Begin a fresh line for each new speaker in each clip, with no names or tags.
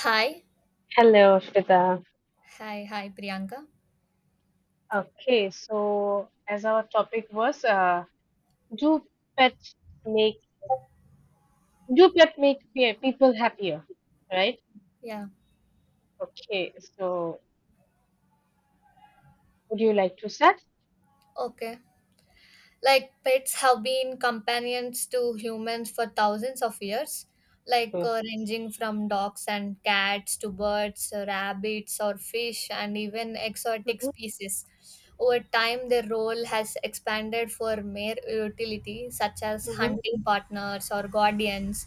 Hi.
Hello, Shweta.
Hi, Priyanka.
Okay, so as our topic was, do pets make do pet make people happier, right?
Yeah.
Okay, so would you like to start?
Okay. Like pets have been companions to humans for thousands of years,
Yes.
ranging from dogs and cats to birds, rabbits or fish, and even exotic
Mm-hmm,
species. Over time their role has expanded for mere utility such as hunting partners or guardians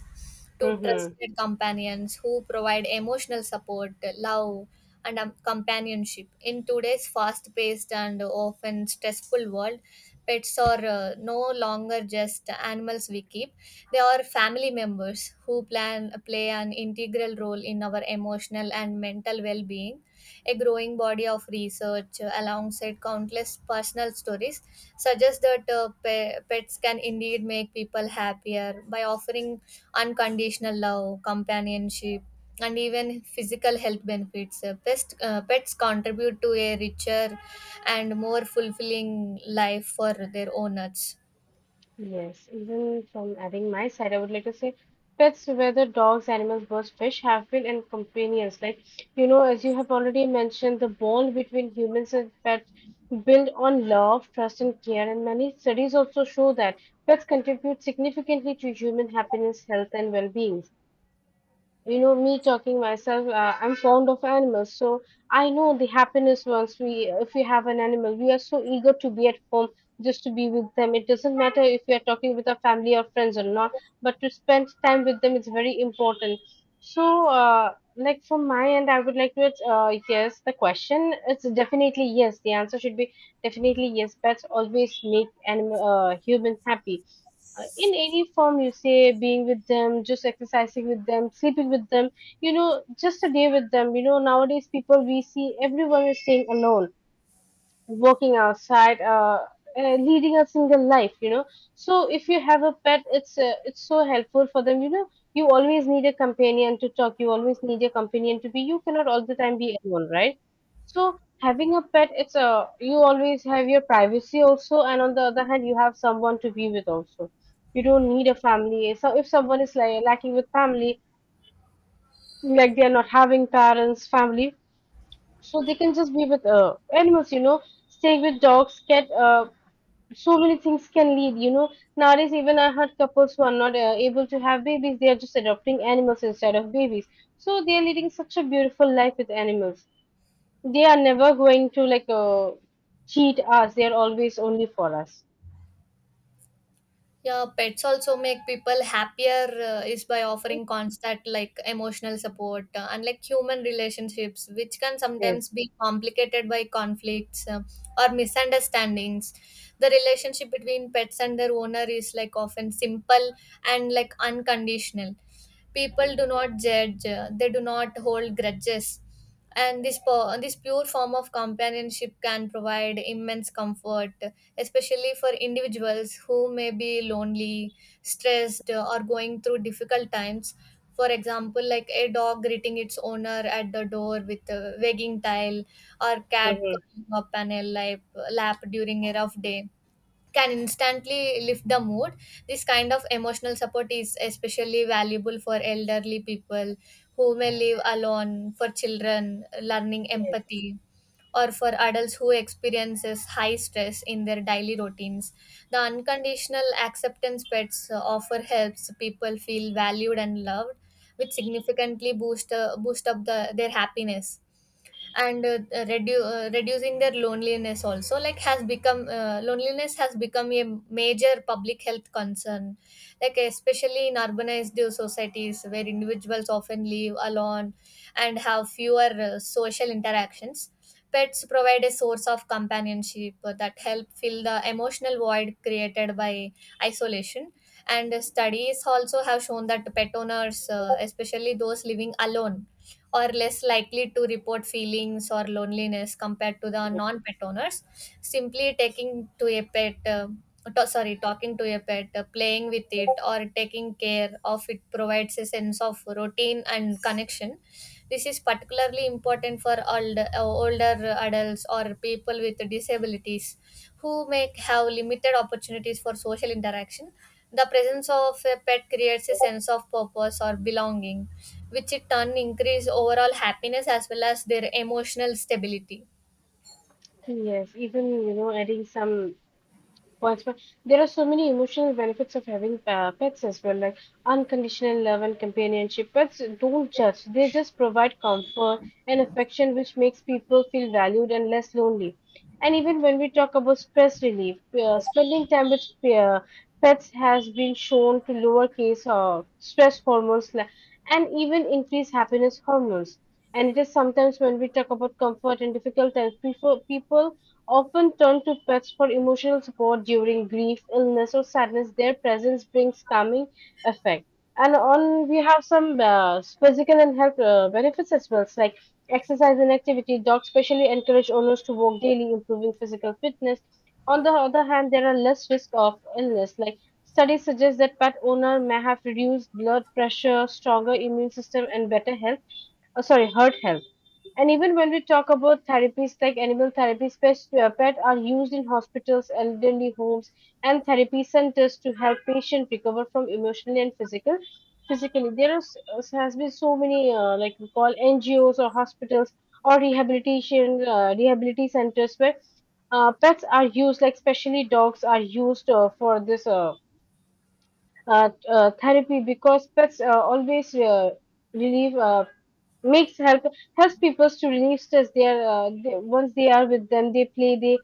to
mm-hmm.
trusted companions who provide emotional support, love, and companionship. In today's fast-paced and often stressful world, pets are no longer just animals we keep. They are family members who plan play an integral role in our emotional and mental well-being. A growing body of research, alongside countless personal stories, suggests that pets can indeed make people happier by offering unconditional love, companionship, and even physical health benefits. Pets contribute to a richer and more fulfilling life for their owners.
Yes, even from adding my side, I would like to say pets, whether dogs, animals, birds, fish, have been and companions. Like, you know, as you have already mentioned, the bond between humans and pets build on love, trust, and care. And many studies also show that pets contribute significantly to human happiness, health, and well-being. You know, me talking myself, I'm fond of animals, so I know the happiness once we, if we have an animal, we are so eager to be at home, just to be with them. It doesn't matter if we are talking with our family or friends or not, but to spend time with them is very important. So like from my end, I would like to, yes, the question, it's definitely yes, the answer should be definitely yes. Pets always make animal human happy, in any form you say, being with them, just exercising with them, sleeping with them, you know, just a day with them. You know, nowadays people, we see everyone is staying alone, working outside, leading a single life, you know. So if you have a pet, it's so helpful for them, you know. You always need a companion to talk, you always need a companion to be. You cannot all the time be alone, right? So having a pet, it's a, you always have your privacy also, and on the other hand, you have someone to be with also. You don't need a family. So if someone is like lacking with family, like they are not having parents, family, so they can just be with animals, you know, staying with dogs, cat, so many things can lead, you know. Nowadays, even I heard couples who are not able to have babies, they are just adopting animals instead of babies. So they are leading such a beautiful life with animals. They are never going to cheat us. They are always only for us.
Yeah, pets also make people happier is by offering constant like emotional support, unlike human relationships, which can sometimes
Yes.
be complicated by conflicts or misunderstandings. The relationship between pets and their owner is like often simple and like unconditional. People do not judge, they do not hold grudges. And this pure form of companionship can provide immense comfort, especially for individuals who may be lonely, stressed, or going through difficult times. For example, like a dog greeting its owner at the door with a wagging tail, or cat
Hmm.
curling up lap during a rough day, can instantly lift the mood. This kind of emotional support is especially valuable for elderly people who may live alone, for children learning empathy, or for adults who experiences high stress in their daily routines. The unconditional acceptance pets offer helps people feel valued and loved, which significantly boost up their happiness, and reducing their loneliness also. Like has become loneliness has become a major public health concern, like especially in urbanized societies where individuals often live alone and have fewer social interactions. Pets provide a source of companionship that help fill the emotional void created by isolation. And studies also have shown that pet owners, especially those living alone, or less likely to report feelings or loneliness compared to the non-pet owners. Simply taking to a pet, to- sorry, talking to a pet, playing with it, or taking care of it provides a sense of routine and connection. This is particularly important for older adults or people with disabilities who may have limited opportunities for social interaction. The presence of a pet creates a sense of purpose or belonging, which in turn increase overall happiness as well as their emotional stability.
Yes. Even, you know, adding some, for exp- there are so many emotional benefits of having pets as well, like unconditional love and companionship. Pets don't judge, they just provide comfort and affection, which makes people feel valued and less lonely. And even when we talk about stress relief, spending time with uh, pets has been shown to lower case of stress and even increase happiness hormones. And it is sometimes when we talk about comfort in difficult times, people often turn to pets for emotional support during grief, illness, or sadness. Their presence brings calming effect. And on we have some physical and health benefits as well, like exercise and activity. Dogs specially encourage owners to walk daily, improving physical fitness. On the other hand, there are less risk of illness. Like studies suggest that pet owner may have reduced blood pressure, stronger immune system, and better health, oh, sorry, heart health. And even when we talk about therapies, like animal therapies, pet are used in hospitals, elderly homes, and therapy centers to help patients recover from emotionally and physical. Physically, there is, has been so many like we call NGOs or hospitals or rehabilitation centers where pets are used, like especially dogs are used for this. Therapy, because pets always relieve, makes helps people to relieve stress. They are they, once they are with them, they play,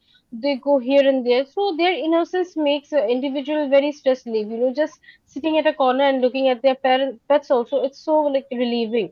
they go here and there, so their innocence makes an individual very stress relief, you know, just sitting at a corner and looking at their parent pets, also it's so like relieving.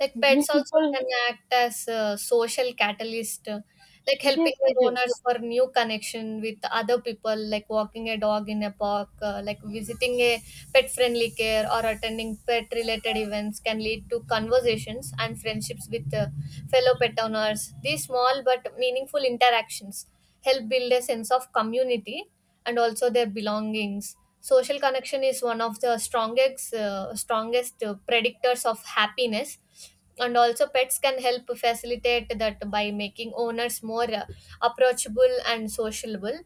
Like
We
pets also
people,
can act as a social catalyst, like helping
yes
their
it is.
owners for new connection with other people, like walking a dog in a park, like visiting a pet friendly care or attending pet related events can lead to conversations and friendships with fellow pet owners. These small but meaningful interactions help build a sense of community and also their belongings. Social connection is one of the strongest, strongest predictors of happiness. And also, pets can help facilitate that by making owners more approachable and sociable.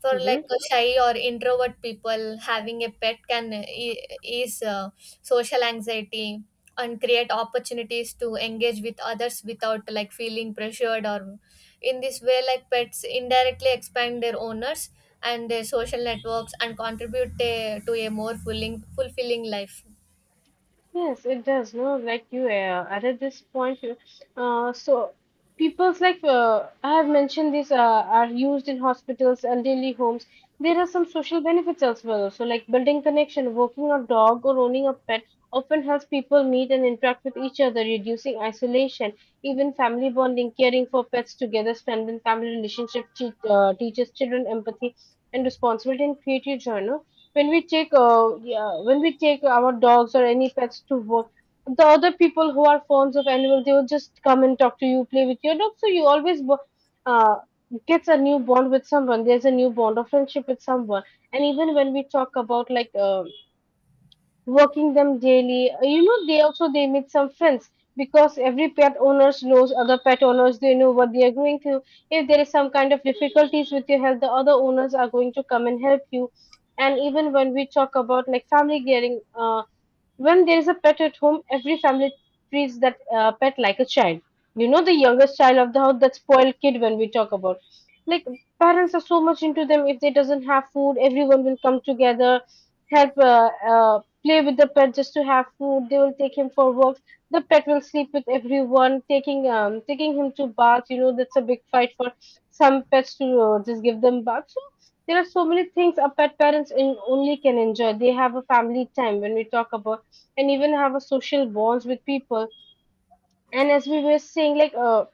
For like
Mhm.
a shy or introvert people, having a pet can ease social anxiety and create opportunities to engage with others without like feeling pressured or in this way, like pets indirectly expand their owners and their social networks and contribute to a more fulfilling life.
Yes, it does. No, like you added this point. So people's like, I have mentioned these are used in hospitals, elderly homes. There are some social benefits as well. So like building connection, walking a dog or owning a pet often helps people meet and interact with each other, reducing isolation, even family bonding, caring for pets together, strengthen family relationship, teaches children empathy and responsibility, and create a joy. No? When we take yeah, when we take our dogs or any pets to work, the other people who are fans of animals, they will just come and talk to you, play with your dog, so you always uh, gets a new bond with someone, there's a new bond of friendship with someone. And even when we talk about working them daily. You know, they also, they make some friends because every pet owners knows other pet owners. They know what they are going through. If there is some kind of difficulties with your health, the other owners are going to come and help you. And even when we talk about like family caring, when there is a pet at home, every family treats that pet like a child. You know, the youngest child of the house, that spoiled kid when we talk about. Like, parents are so much into them. If they doesn't have food, everyone will come together, help play with the pet just to have food. They will take him for walks. The pet will sleep with everyone, taking him to bath. You know, that's a big fight for some pets to just give them bath. So there are so many things a pet parents in only can enjoy. They have a family time when we talk about, and even have a social bonds with people. And as we were saying,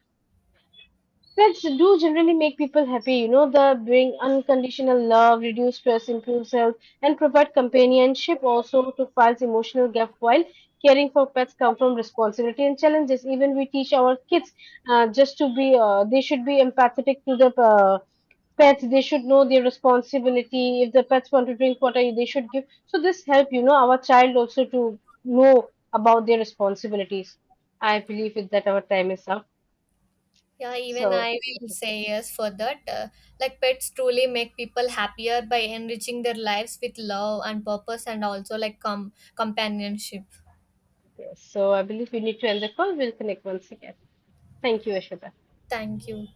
pets do generally make people happy. You know, they bring unconditional love, reduce stress, improves health, and provide companionship also to files emotional gap. While caring for pets come from responsibility and challenges. Even we teach our kids, just to be, they should be empathetic to the. Pets, they should know their responsibility. If the pets want to drink water, they should give. So this help, you know, our child also to know about their responsibilities. I believe it that our time is up.
Yeah, even
So
I will say yes for that. Like pets truly make people happier by enriching their lives with love and purpose and also like companionship.
yes, so I believe we need to end the call. We'll connect once again. Thank you, Ashita.
Thank you.